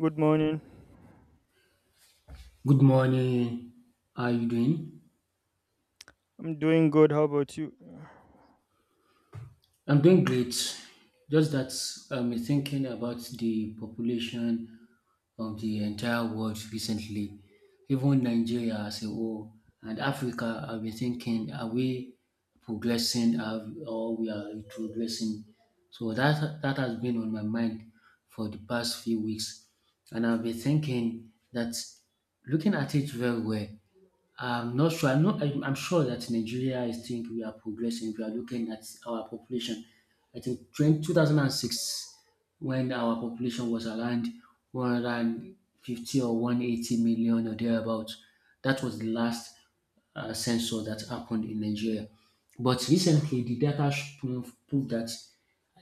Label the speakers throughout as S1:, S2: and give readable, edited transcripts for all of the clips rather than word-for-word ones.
S1: Good morning.
S2: Good morning. How are you doing?
S1: I'm doing good. How about you?
S2: I'm doing great. Just that I'm thinking about the population of the entire world recently, even Nigeria as a whole and Africa. I've been thinking, are we progressing or we are retrogressing? So that has been on my mind for the past few weeks, and I've been thinking that looking at it very well, I'm not sure. I'm not. I'm sure that Nigeria. I think we are progressing. We are looking at our population. I think 20, 2006, when our population was around 150 or 180 million or thereabouts, that was the last census that happened in Nigeria. But recently, the data prove that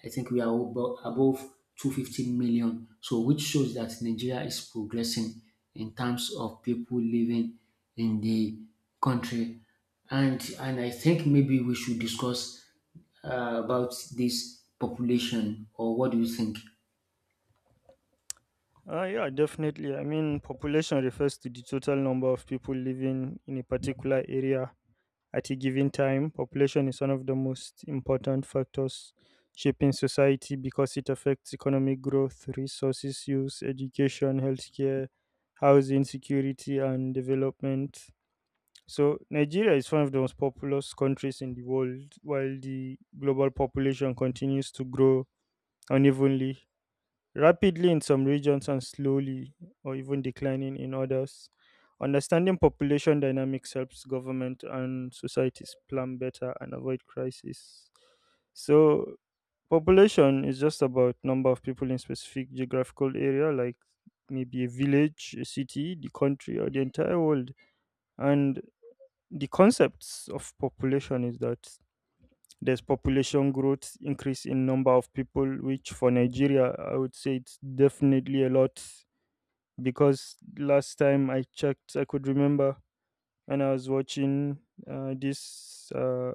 S2: I think we are above 250 million. So, which shows that Nigeria is progressing in terms of people living in the country. And I think maybe we should discuss about this population, or what do you think?
S1: Yeah, definitely. I mean, population refers to the total number of people living in a particular area at a given time. Population is one of the most important factors shaping society because it affects economic growth, resources use, education, healthcare, housing, security, and development. So, Nigeria is one of the most populous countries in the world, while the global population continues to grow unevenly rapidly in some regions and slowly or even declining in others. Understanding population dynamics helps government and societies plan better and avoid crisis. So, population is just about number of people in specific geographical area, like maybe a village, a city, the country, or the entire world. And the concepts of population is that there's population growth, increase in number of people, which for Nigeria, I would say it's definitely a lot because last time I checked, I could remember when I was watching this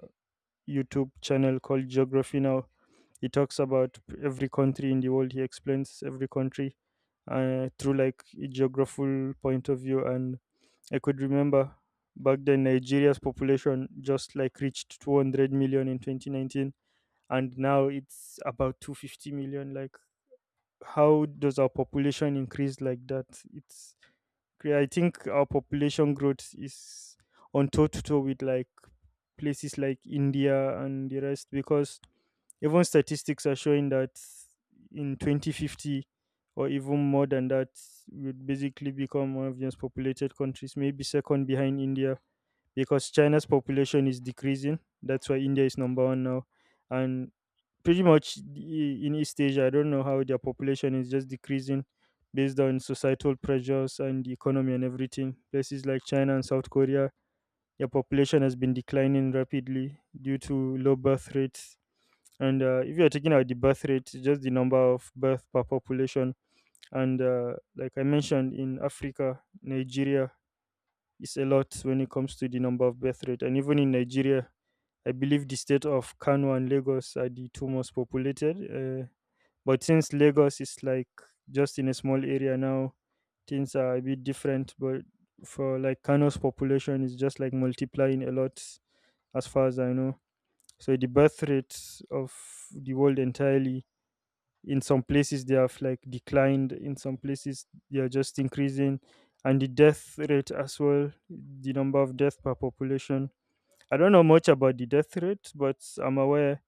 S1: YouTube channel called Geography Now. He talks about every country in the world. He explains every country through like a geographical point of view, and I could remember back then Nigeria's population just like reached 200 million in 2019, and now it's about 250 million. Like, how does our population increase like that? It's I think our population growth is on toe to toe with like places like India and the rest, because even statistics are showing that in 2050 or even more than that, would basically become one of the most populated countries, maybe second behind India, because China's population is decreasing. That's why India is number one now. And pretty much in East Asia, I don't know how their population is just decreasing based on societal pressures and the economy and everything. Places like China and South Korea, their population has been declining rapidly due to low birth rates. And if you're taking out the birth rate, it's just the number of birth per population. And like I mentioned, in Africa, Nigeria is a lot when it comes to the number of birth rate. And even in Nigeria, I believe the state of Kano and Lagos are the two most populated. But since Lagos is like just in a small area now, things are a bit different. But for like Kano's population is just like multiplying a lot as far as I know. So the birth rates of the world entirely, in some places they have like declined, in some places they are just increasing. And the death rate as well, the number of death per population. I don't know much about the death rate, but I'm aware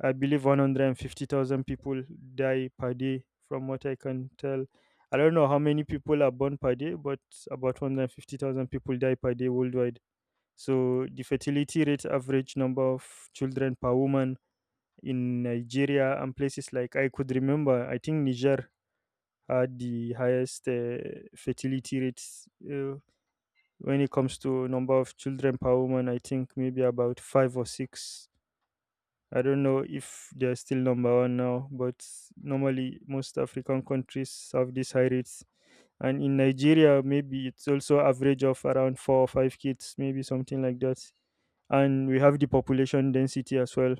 S1: I believe 150,000 people die per day from what I can tell. I don't know how many people are born per day, but about 150,000 people die per day worldwide. So the fertility rate, average number of children per woman in Nigeria, and places like I could remember, I think Niger had the highest fertility rates when it comes to number of children per woman. I think maybe about 5 or 6. I don't know if they're still number one now, but normally most African countries have these high rates. And in Nigeria, maybe it's also average of around 4 or 5 kids, maybe something like that. And we have the population density as well,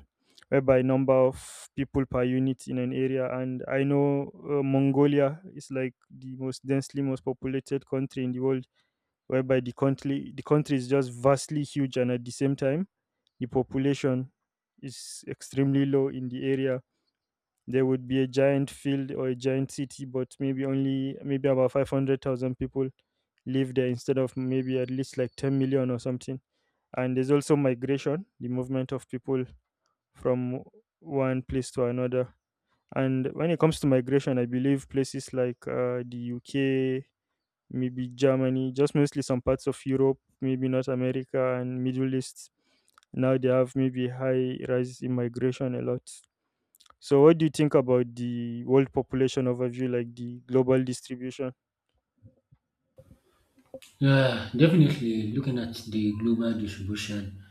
S1: whereby number of people per unit in an area. And I know Mongolia is like the most densely most populated country in the world, whereby the country is just vastly huge, and at the same time the population is extremely low in the area. There would be a giant field or a giant city, but maybe only maybe about 500,000 people live there instead of maybe at least like 10 million or something. And there's also migration, the movement of people from one place to another. And when it comes to migration, I believe places like the UK, maybe Germany, just mostly some parts of Europe, maybe North America and Middle East. Now they have maybe high rise in migration a lot. So what do you think about the world population overview, like the global distribution?
S2: Yeah, definitely. Looking at the global distribution,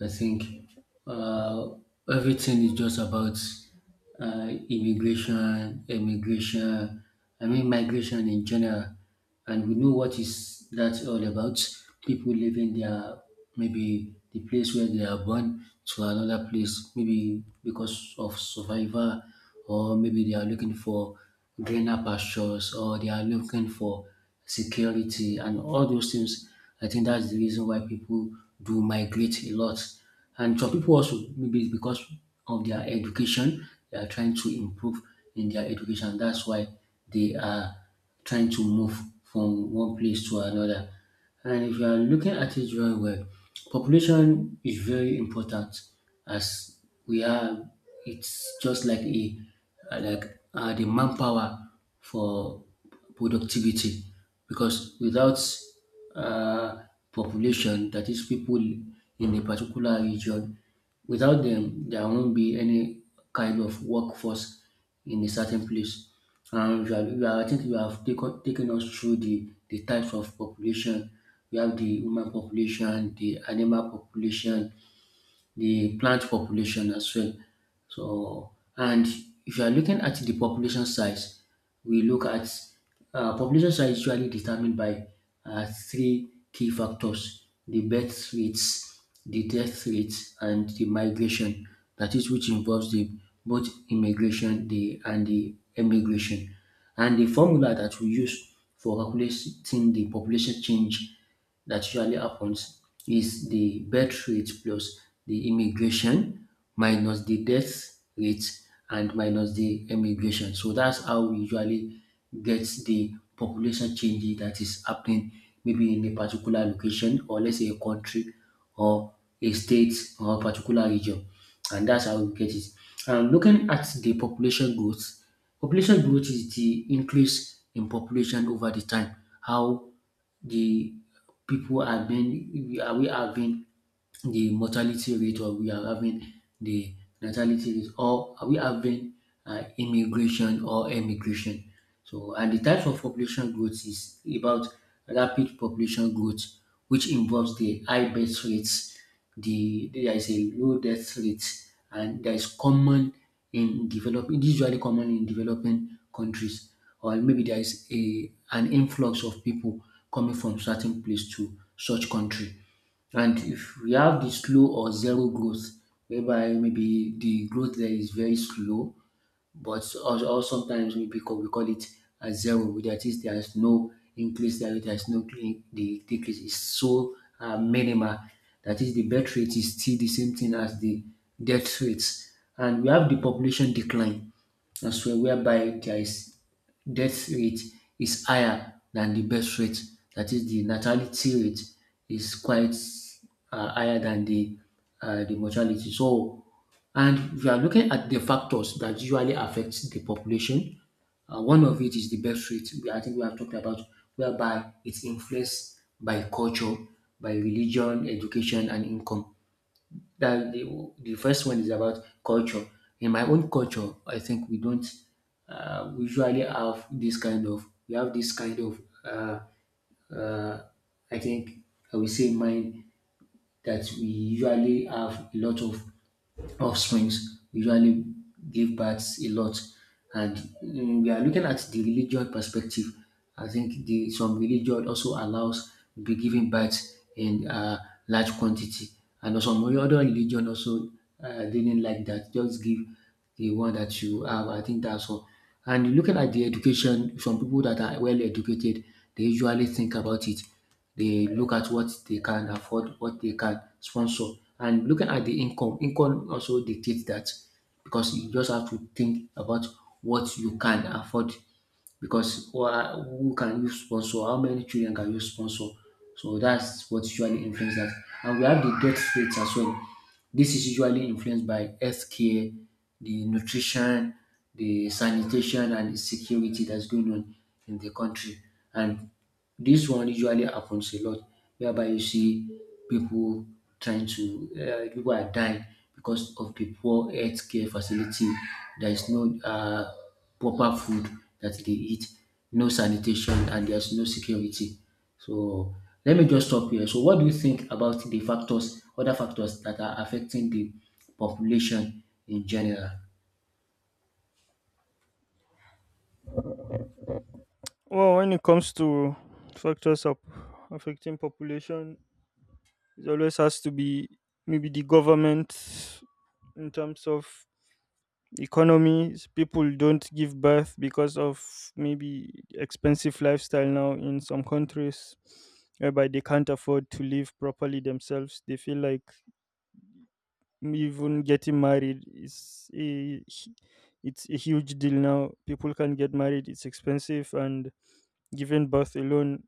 S2: I think uh, everything is just about immigration, emigration, I mean, migration in general. And we know what is that all about. People leaving their maybe the place where they are born to another place, maybe because of survival, or maybe they are looking for greener pastures or they are looking for security and all those things. I think that's the reason why people do migrate a lot. And some people also, maybe it's because of their education, they are trying to improve in their education. That's why they are trying to move from one place to another. And if you are looking at it very well, population is very important as we are. It's just like a like the manpower for productivity because without particular population that is people in a particular region. Without them, there won't be any kind of workforce in a certain place. And I think you have taken us through the types of population. We have the human population, the animal population, the plant population as well. So, and if you are looking at the population size, we look at population size usually determined by three key factors the birth rates, the death rates, and the migration. That is, which involves the both immigration the, and the emigration. And the formula that we use for calculating the population change that usually happens is the birth rate plus the immigration minus the death rate and minus the emigration. So that's how we usually get the population change that is happening maybe in a particular location or let's say a country or a state or a particular region. And that's how we get it. And looking at the population growth is the increase in population over the time. How the people are being we having the mortality rate or we are having the natality rate or are we having immigration or emigration so and the types of population growth is about rapid population growth which involves the high birth rates there is a low death rate and that is common in developing usually common in developing countries or maybe there is a an influx of people coming from certain place to such country. And if we have the slow or zero growth, whereby maybe the growth there is very slow but or sometimes we because we call it a zero. That is, there is no increase, there is no the decrease is so minimal. That is, the birth rate is still the same thing as the death rates, and we have the population decline as well, whereby there is death rate is higher than the birth rate. That is, the natality rate is quite higher than the mortality. So and we are looking at the factors that usually affect the population. One of it is the birth rate. I think we have talked about whereby it's influenced by culture, by religion, education, and income. That the first one is about culture. In my own culture, I think we don't we usually have this kind of we have this kind of uh, I think I will say mine that we usually have a lot of offsprings. We usually give births a lot, and we are looking at the religion perspective. I think the some religion also allows be giving birth in large quantity, and some other religion also didn't like that. Just give the one that you have. I think that's all. And looking at the education, some people that are well educated, they usually think about it. They look at what they can afford, what they can sponsor, and looking at the income. Income also dictates that because you just have to think about what you can afford. Because who can you sponsor? How many children can you sponsor? So that's what usually influences that. And we have the death rates as well. This is usually influenced by healthcare, the nutrition, the sanitation, and the security that's going on in the country. And this one usually happens a lot whereby you see people trying to people are dying because of the poor healthcare facility. There is no proper food that they eat, no sanitation, and there's no security. So let me just stop here. So what do you think about the factors, other factors that are affecting the population in general?
S1: Well, when it comes to factors of affecting population, it always has to be maybe the government, in terms of economies. People don't give birth because of maybe expensive lifestyle now in some countries, whereby they can't afford to live properly themselves. They feel like even getting married is it's a huge deal now. People can get married, it's expensive, and giving birth alone,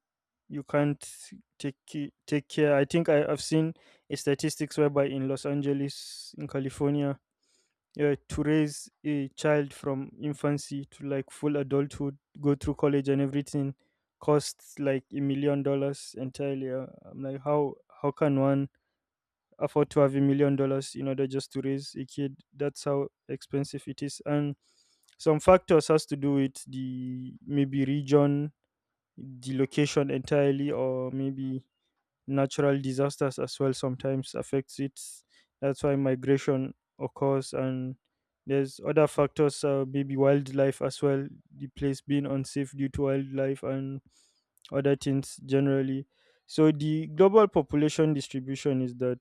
S1: you can't take care. I think I've seen a statistics whereby in Los Angeles, in California, to raise a child from infancy to like full adulthood, go through college and everything, costs like $1 million entirely. I'm like, how can one afford to have $1 million in order just to raise a kid? That's how expensive it is, and some factors has to do with the maybe region, the location entirely, or maybe natural disasters as well sometimes affects it. That's why migration occurs. And there's other factors, maybe wildlife as well, the place being unsafe due to wildlife and other things generally. So the global population distribution is that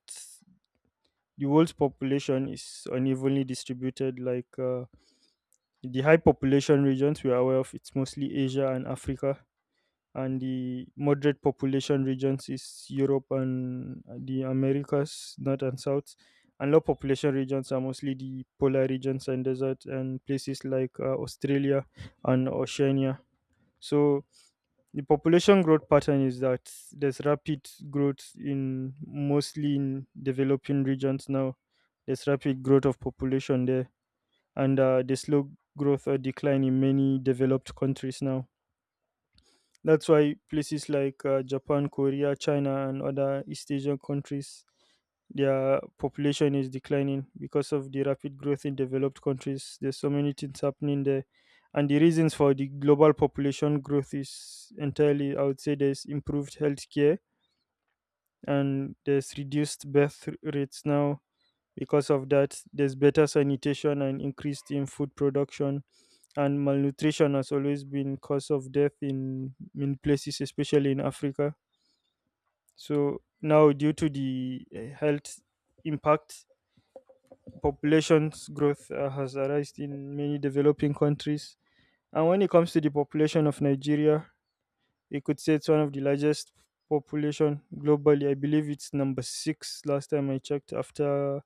S1: the world's population is unevenly distributed. Like the high population regions, we are aware of, it's mostly Asia and Africa, and the moderate population regions is Europe and the Americas, North and South. And low population regions are mostly the polar regions and desert, and places like Australia and Oceania. So the population growth pattern is that there's rapid growth in mostly in developing regions now. There's rapid growth of population there, and the slow growth or decline in many developed countries now. That's why places like Japan, Korea, China, and other East Asian countries, their population is declining because of the rapid growth in developed countries. There's so many things happening there. And the reasons for the global population growth is entirely, I would say, there's improved healthcare and there's reduced rates now. Because of that, there's better sanitation and increased in food production, and malnutrition has always been cause of death in places, especially in Africa. So now, due to the health impact, population's growth has arisen in many developing countries. And when it comes to the population of Nigeria, you could say it's one of the largest population globally. I believe it's number six last time I checked. After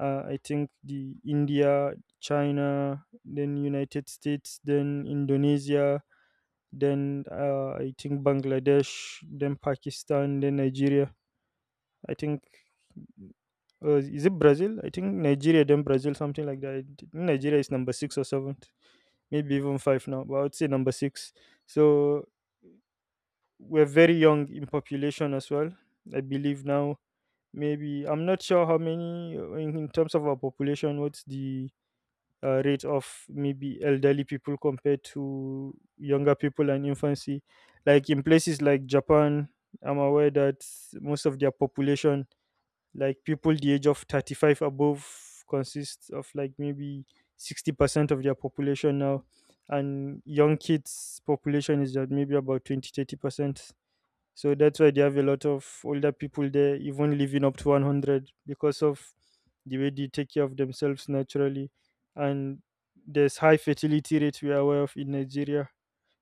S1: I think the India, China, then United States, then Indonesia, then I think Bangladesh, then Pakistan, then Nigeria. I think. Is it Brazil? I think Nigeria, then Brazil, something like that. I think Nigeria is number six or seventh, maybe even five now, but I would say number six. So we're very young in population as well. I believe now, maybe I'm not sure how many in terms of our population. What's the rate of maybe elderly people compared to younger people and infancy? Like in places like Japan, I'm aware that most of their population, like people the age of 35 above, consists of like maybe 60% of their population now, and young kids population is at maybe about 20, 30%. So that's why they have a lot of older people there, even living up to 100, because of the way they take care of themselves naturally. And there's high fertility rate we are aware of in Nigeria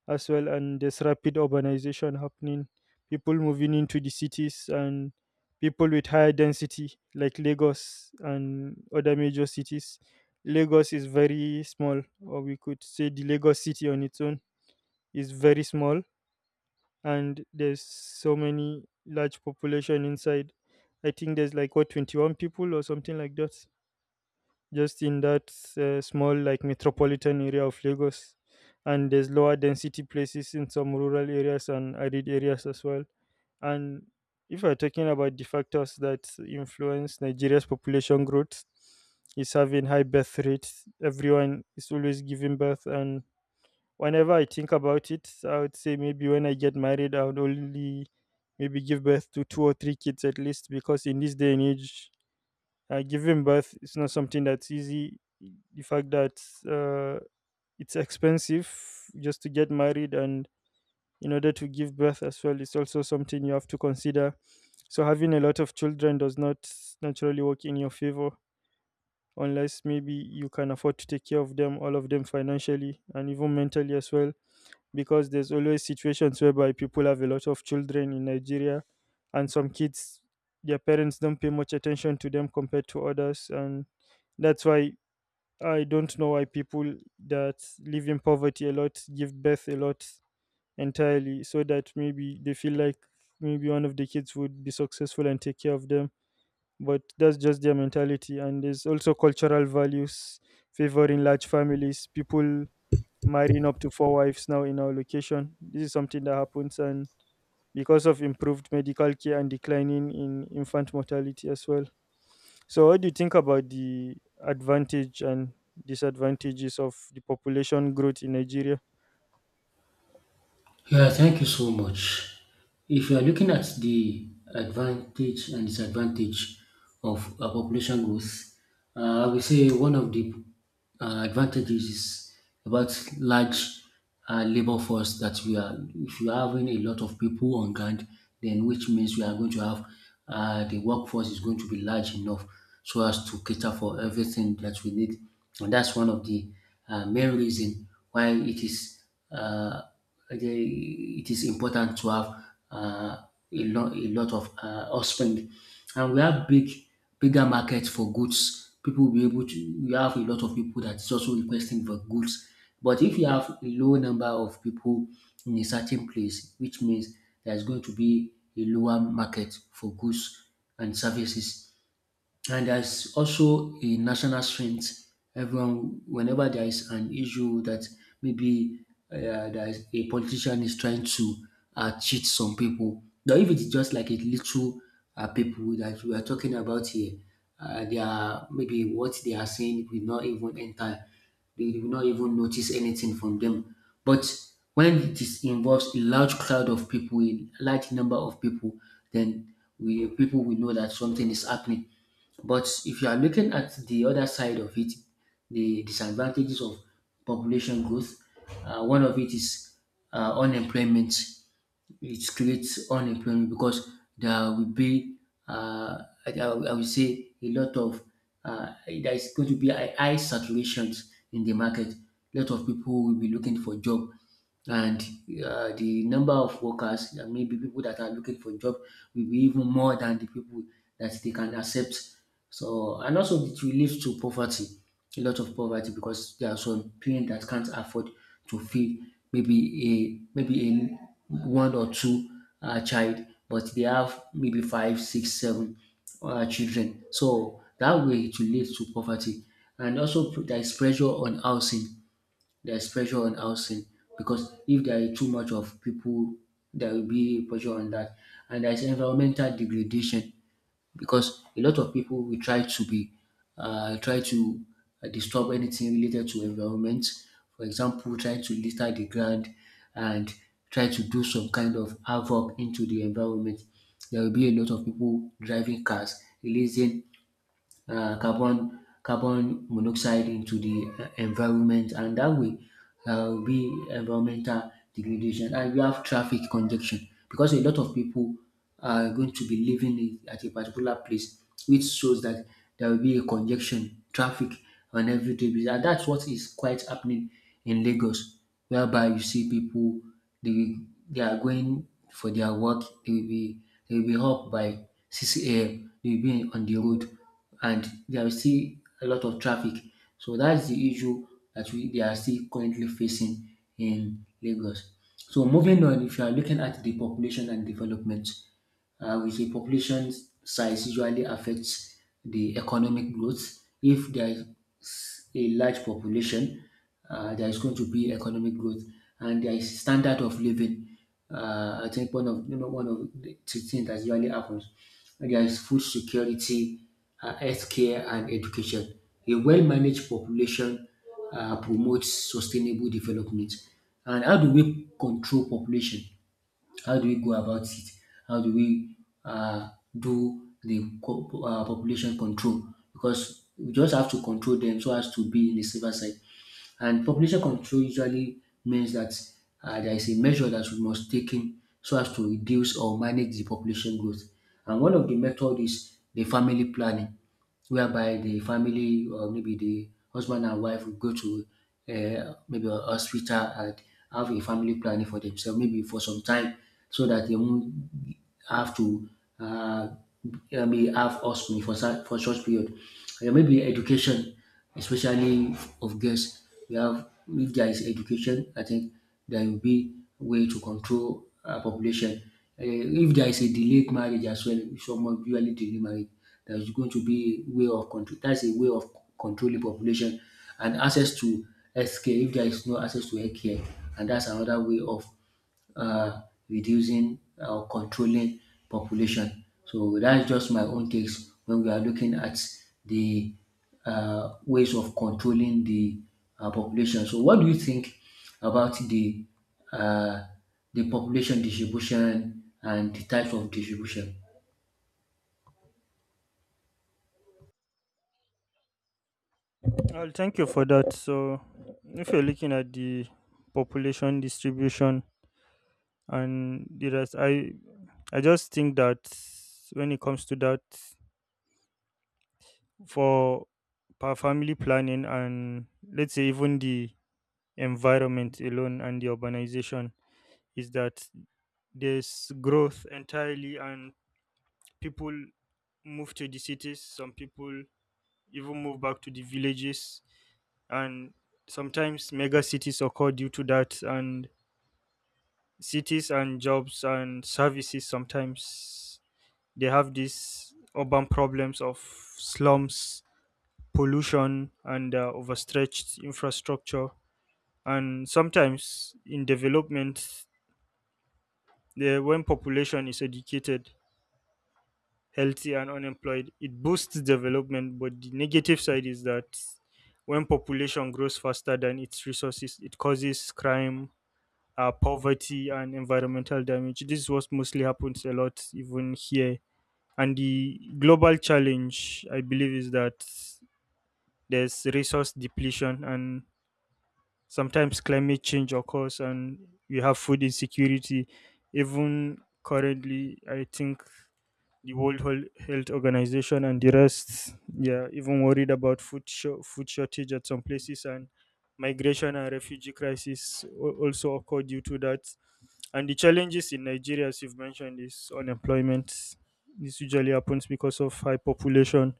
S1: as well, and there's rapid urbanization happening, people moving into the cities, and people with higher density like Lagos and other major cities. Lagos is very small, or we could say the Lagos city on its own is very small, and there's so many large population inside. I think there's like what, 21 people or something like that, just in that small like metropolitan area of Lagos. And there's lower density places in some rural areas and arid areas as well. And if we're talking about the factors that influence Nigeria's population growth, is having high birth rates. Everyone is always giving birth, and whenever I think about it, I would say maybe when I get married, I would only maybe give birth to 2 or 3 kids at least, because in this day and age, giving birth is not something that's easy. The fact that uh, it's expensive just to get married, and in order to give birth as well, it's also something you have to consider. So having a lot of children does not naturally work in your favor unless maybe you can afford to take care of them, all of them financially and even mentally as well, because there's always situations whereby people have a lot of children in Nigeria and some kids, their parents don't pay much attention to them compared to others. And that's why I don't know why people that live in poverty a lot give birth a lot entirely, so that maybe they feel like maybe one of the kids would be successful and take care of them. But that's just their mentality, and there's also cultural values favoring large families, people marrying up to four wives now in our location. This is something that happens, and because of improved medical care and declining in infant mortality as well. So, what do you think about the advantage and disadvantages of the population growth in Nigeria?
S2: Yeah, thank you so much. If you are looking at the advantage and disadvantage of population growth, I will say one of the advantages is about large labor force that we are. If you are having a lot of people on ground, then which means we are going to have the workforce is going to be large enough so as to cater for everything that we need, and that's one of the main reason why it is. Uh, the, it is important to have uh, a lot of husband and we have bigger market for goods people will be able to we have a lot of people that is also requesting for goods but if you have a low number of people in a certain place which means there is going to be a lower market for goods and services and there's also a national strength. Everyone, whenever there is an issue that maybe uh, there is a politician is trying to cheat some people, now if it's just like a little people that we are talking about here, they are maybe what they are saying will not even enter you will not even notice anything from them. But when it is involves a large crowd of people, a large number of people, then we people will know that something is happening. But if you are looking at the other side of it, the disadvantages of population growth, one of it is unemployment it creates unemployment because there will be uh, I would say a lot of there is going to be a high saturation in the market. A lot of people will be looking for job, and the number of workers, maybe people that are looking for job, will be even more than the people that they can accept. So and also it relates to poverty, a lot of poverty because there are some parents that can't afford to feed maybe maybe a one or two child, but they have maybe five, six, seven children. So that way it relates to poverty. And also there is pressure on housing. There is pressure on housing because if there are too much of people, there will be pressure on that. And there is environmental degradation because a lot of people will try to be try to disturb anything related to environment. For example, try to litter the ground and try to do some kind of havoc into the environment. There will be a lot of people driving cars, releasing carbon monoxide into the environment and that way will be environmental degradation and we have traffic congestion because a lot of people are going to be living in, at a particular place which shows that there will be a congestion traffic on everyday and that's what is quite happening in Lagos whereby you see people they will, they are going for their work they will be up by 6 a.m. they will be on the road and there is still a lot of traffic. So that's the issue that we they are still currently facing in Lagos. So moving on, if you are looking at the population and development, with a population size usually affects the economic growth. If there is a large population, there is going to be economic growth, and there is standard of living. I think one of one of the things that usually happens. There is food security, healthcare, and education. A well-managed population promotes sustainable development. And how do we control population? How do we go about it? How do we uh, do the population control? Because we just have to control them so as to be in the safer side. And population control usually means that there is a measure that we must take in so as to reduce or manage the population growth. And one of the method is the family planning whereby the family or maybe the husband and wife will go to maybe a hospital and have a family planning for themselves, maybe for some time, so that they won't have to uh, maybe have offspring for short period. And maybe education, especially of girls, we have if there is education, I think there will be way to control population uh, if there is a delayed marriage as well, someone of usually delay marriage, there is going to be a way of control. That's a way of controlling population and access to healthcare. If there is no access to healthcare, and that's another way of uh, reducing or controlling population. So that's just my own takes when we are looking at the ways of controlling the population. So, what do you think about uh, the population distribution and the types of distribution?
S1: Well, thank you for that. So, if you're looking at the population distribution and the rest, I just think that when it comes to that, for family planning and let's say even the environment alone and the urbanization, is that there's growth entirely and people move to the cities. Some people even move back to the villages, and sometimes mega cities occur due to that, and cities and jobs and services. Sometimes they have these urban problems of slums, pollution and overstretched infrastructure. And sometimes in development, when population is educated, healthy and unemployed, it boosts development, but the negative side is that when population grows faster than its resources, it causes crime, poverty and environmental damage. This is what mostly happens a lot, even here. And the global challenge, I believe, is that there's resource depletion, and sometimes climate change occurs, and we have food insecurity. Even currently, I think the Health Organization and the rest, yeah, even worried about food shortage at some places, and migration and refugee crisis also occur due to that. And the challenges in Nigeria, as you've mentioned, is unemployment. This usually happens because of high population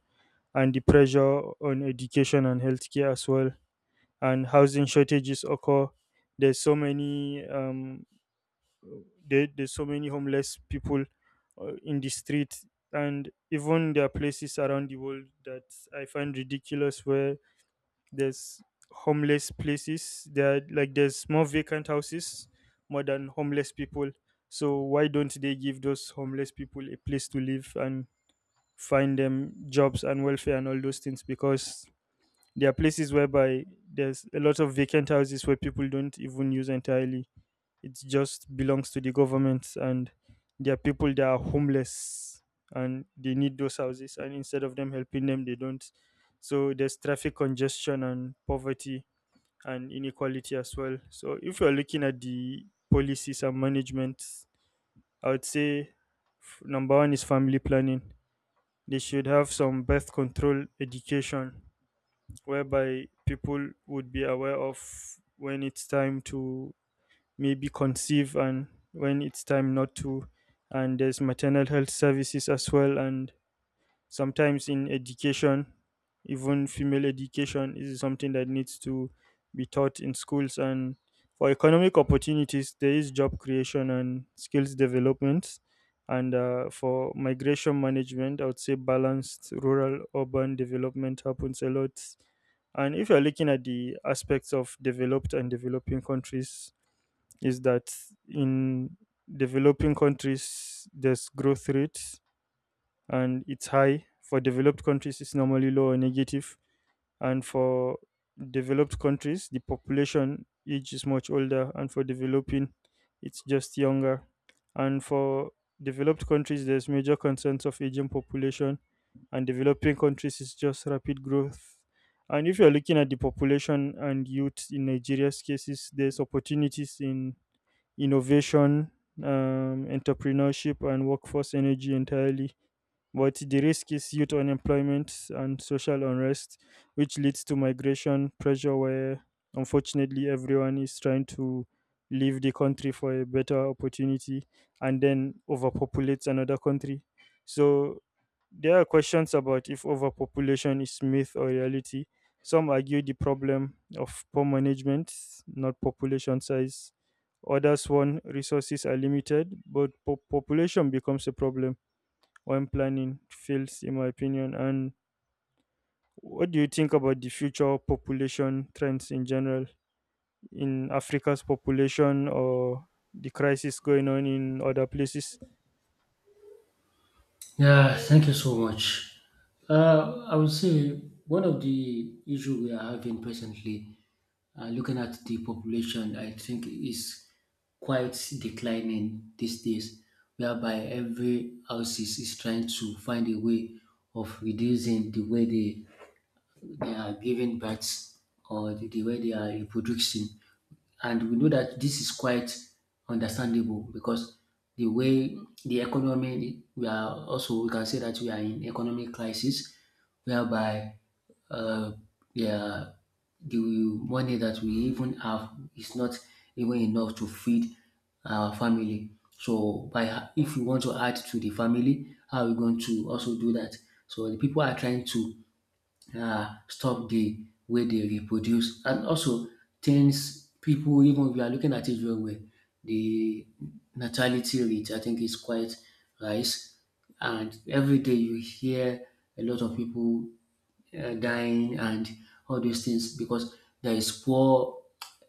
S1: and the pressure on education and healthcare as well. And housing shortages occur. There's so many um, there's so many homeless people in the street, and even there are places around the world that I find ridiculous where there's homeless places. There are, like, there's more vacant houses more than homeless people. So why don't they give those homeless people a place to live and find them jobs and welfare and all those things? Because there are places whereby there's a lot of vacant houses where people don't even use entirely. It just belongs to the government, and there are people that are homeless and they need those houses, and instead of them helping them, they don't. So there's traffic congestion and poverty and inequality as well. So if you're looking at the policies and management, I would say number one is family planning. They should have some birth control education whereby people would be aware of when it's time to maybe conceive and when it's time not to. And there's maternal health services as well. And sometimes in education, even female education is something that needs to be taught in schools. And for economic opportunities, there is job creation and skills development. And for migration management, I would say balanced rural urban development happens a lot. And if you're looking at the aspects of developed and developing countries, is that in developing countries there's growth rate and it's high. For developed countries, it's normally low or negative. And for developed countries, the population age is much older, and for developing, it's just younger. And for developed countries, there's major concerns of aging population, and developing countries is just rapid growth. And if you're looking at the population and youth in Nigeria's cases, there's opportunities in innovation, entrepreneurship, and workforce energy entirely, but the risk is youth unemployment and social unrest, which leads to migration pressure, where unfortunately everyone is trying to leave the country for a better opportunity and then overpopulates another country. So there are questions about if overpopulation is myth or reality. Some argue the problem of poor management, not population size. Others, one, resources are limited, but population becomes a problem when planning fails, in my opinion. And what do you think about the future population trends in general, in Africa's population or the crisis going on in other places?
S2: Yeah, thank you so much. I would say one of the issues we are having presently, looking at the population, I think is quite declining these days, whereby every houses is trying to find a way of reducing the way they are giving birth or the way they are reproducing. And we know that this is quite understandable because the way the economy, we are also, we can say that we are in economic crisis whereby uh, yeah, the money that we even have is not even enough to feed our family. So, if we want to add to the family, how are we going to also do that? So, the people are trying to stop the way they reproduce and also things people even if you are looking at it very well the natality rate I think is quite rise and every day you hear a lot of people dying and all those things because there is poor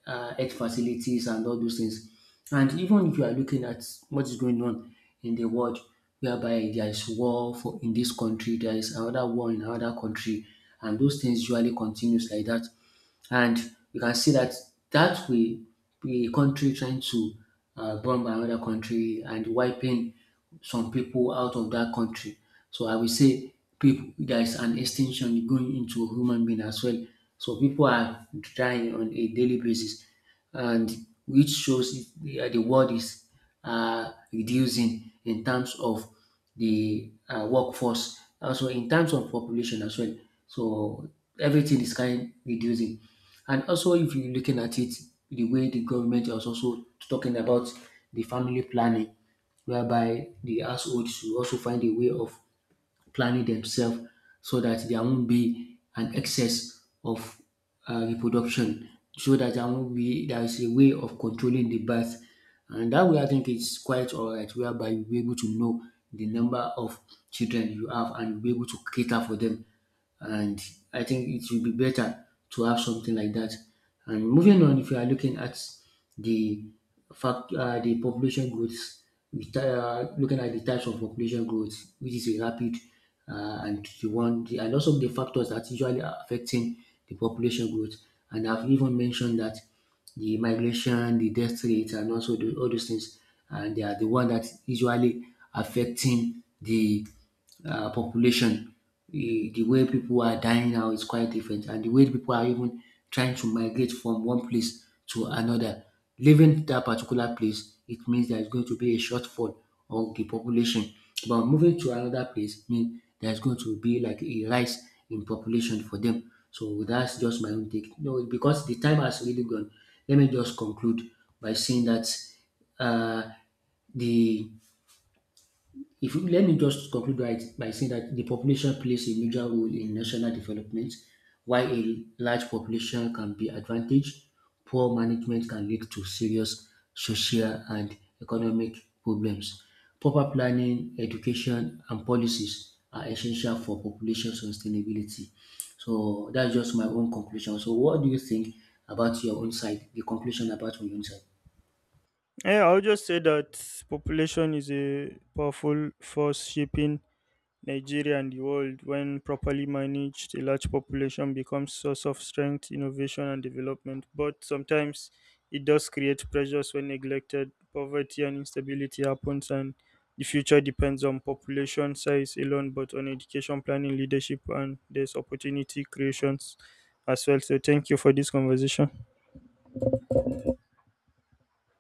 S2: health facilities and all those things. And even if you are looking at what is going on in the world, whereby there is war for in this country, there is another war in another country, and those things usually continues like that. And you can see that that way, the country trying to bomb another country and wiping some people out of that country. So I will say people, there is an extinction going into human being as well. So people are dying on a daily basis and which shows if the world is reducing in terms of the workforce, also in terms of population as well. So everything is kind reducing. And also, if you're looking at it, the way the government is also talking about the family planning, whereby the household should also find a way of planning themselves so that there won't be an excess of reproduction, so that there won't be there is a way of controlling the birth. And that way, I think it's quite all right, whereby you'll be able to know the number of children you have and you'll be able to cater for them and I think it will be better to have something like that. And moving on, if you are looking at the fact, the population growth, looking at the types of population growth, which is a rapid and also the factors that usually are affecting the population growth. And I've even mentioned that the migration, the death rate, and also all those things, and they are the one that usually affecting the population. The way people are dying now is quite different, and the way people are even trying to migrate from one place to another. Leaving that particular place, it means there is going to be a shortfall of the population. But moving to another place means there's going to be like a rise in population for them. So that's just my own take. No, because the time has really gone. Let me just conclude by saying that uh, the if you, let me just conclude by saying that the population plays a major role in national development. While a large population can be advantage, poor management can lead to serious social and economic problems. Proper planning, education, and policies are essential for population sustainability. So that's just my own conclusion. So what do you think about your own side? The conclusion about on your own side?
S1: Yeah, I'll just say that population is a powerful force shaping Nigeria and the world. When properly managed, a large population becomes source of strength, innovation, and development. But sometimes it does create pressures. When neglected, poverty and instability happens, and the future depends on population size alone, but on education, planning, leadership, and there's opportunity creations as well. So, thank you for this conversation.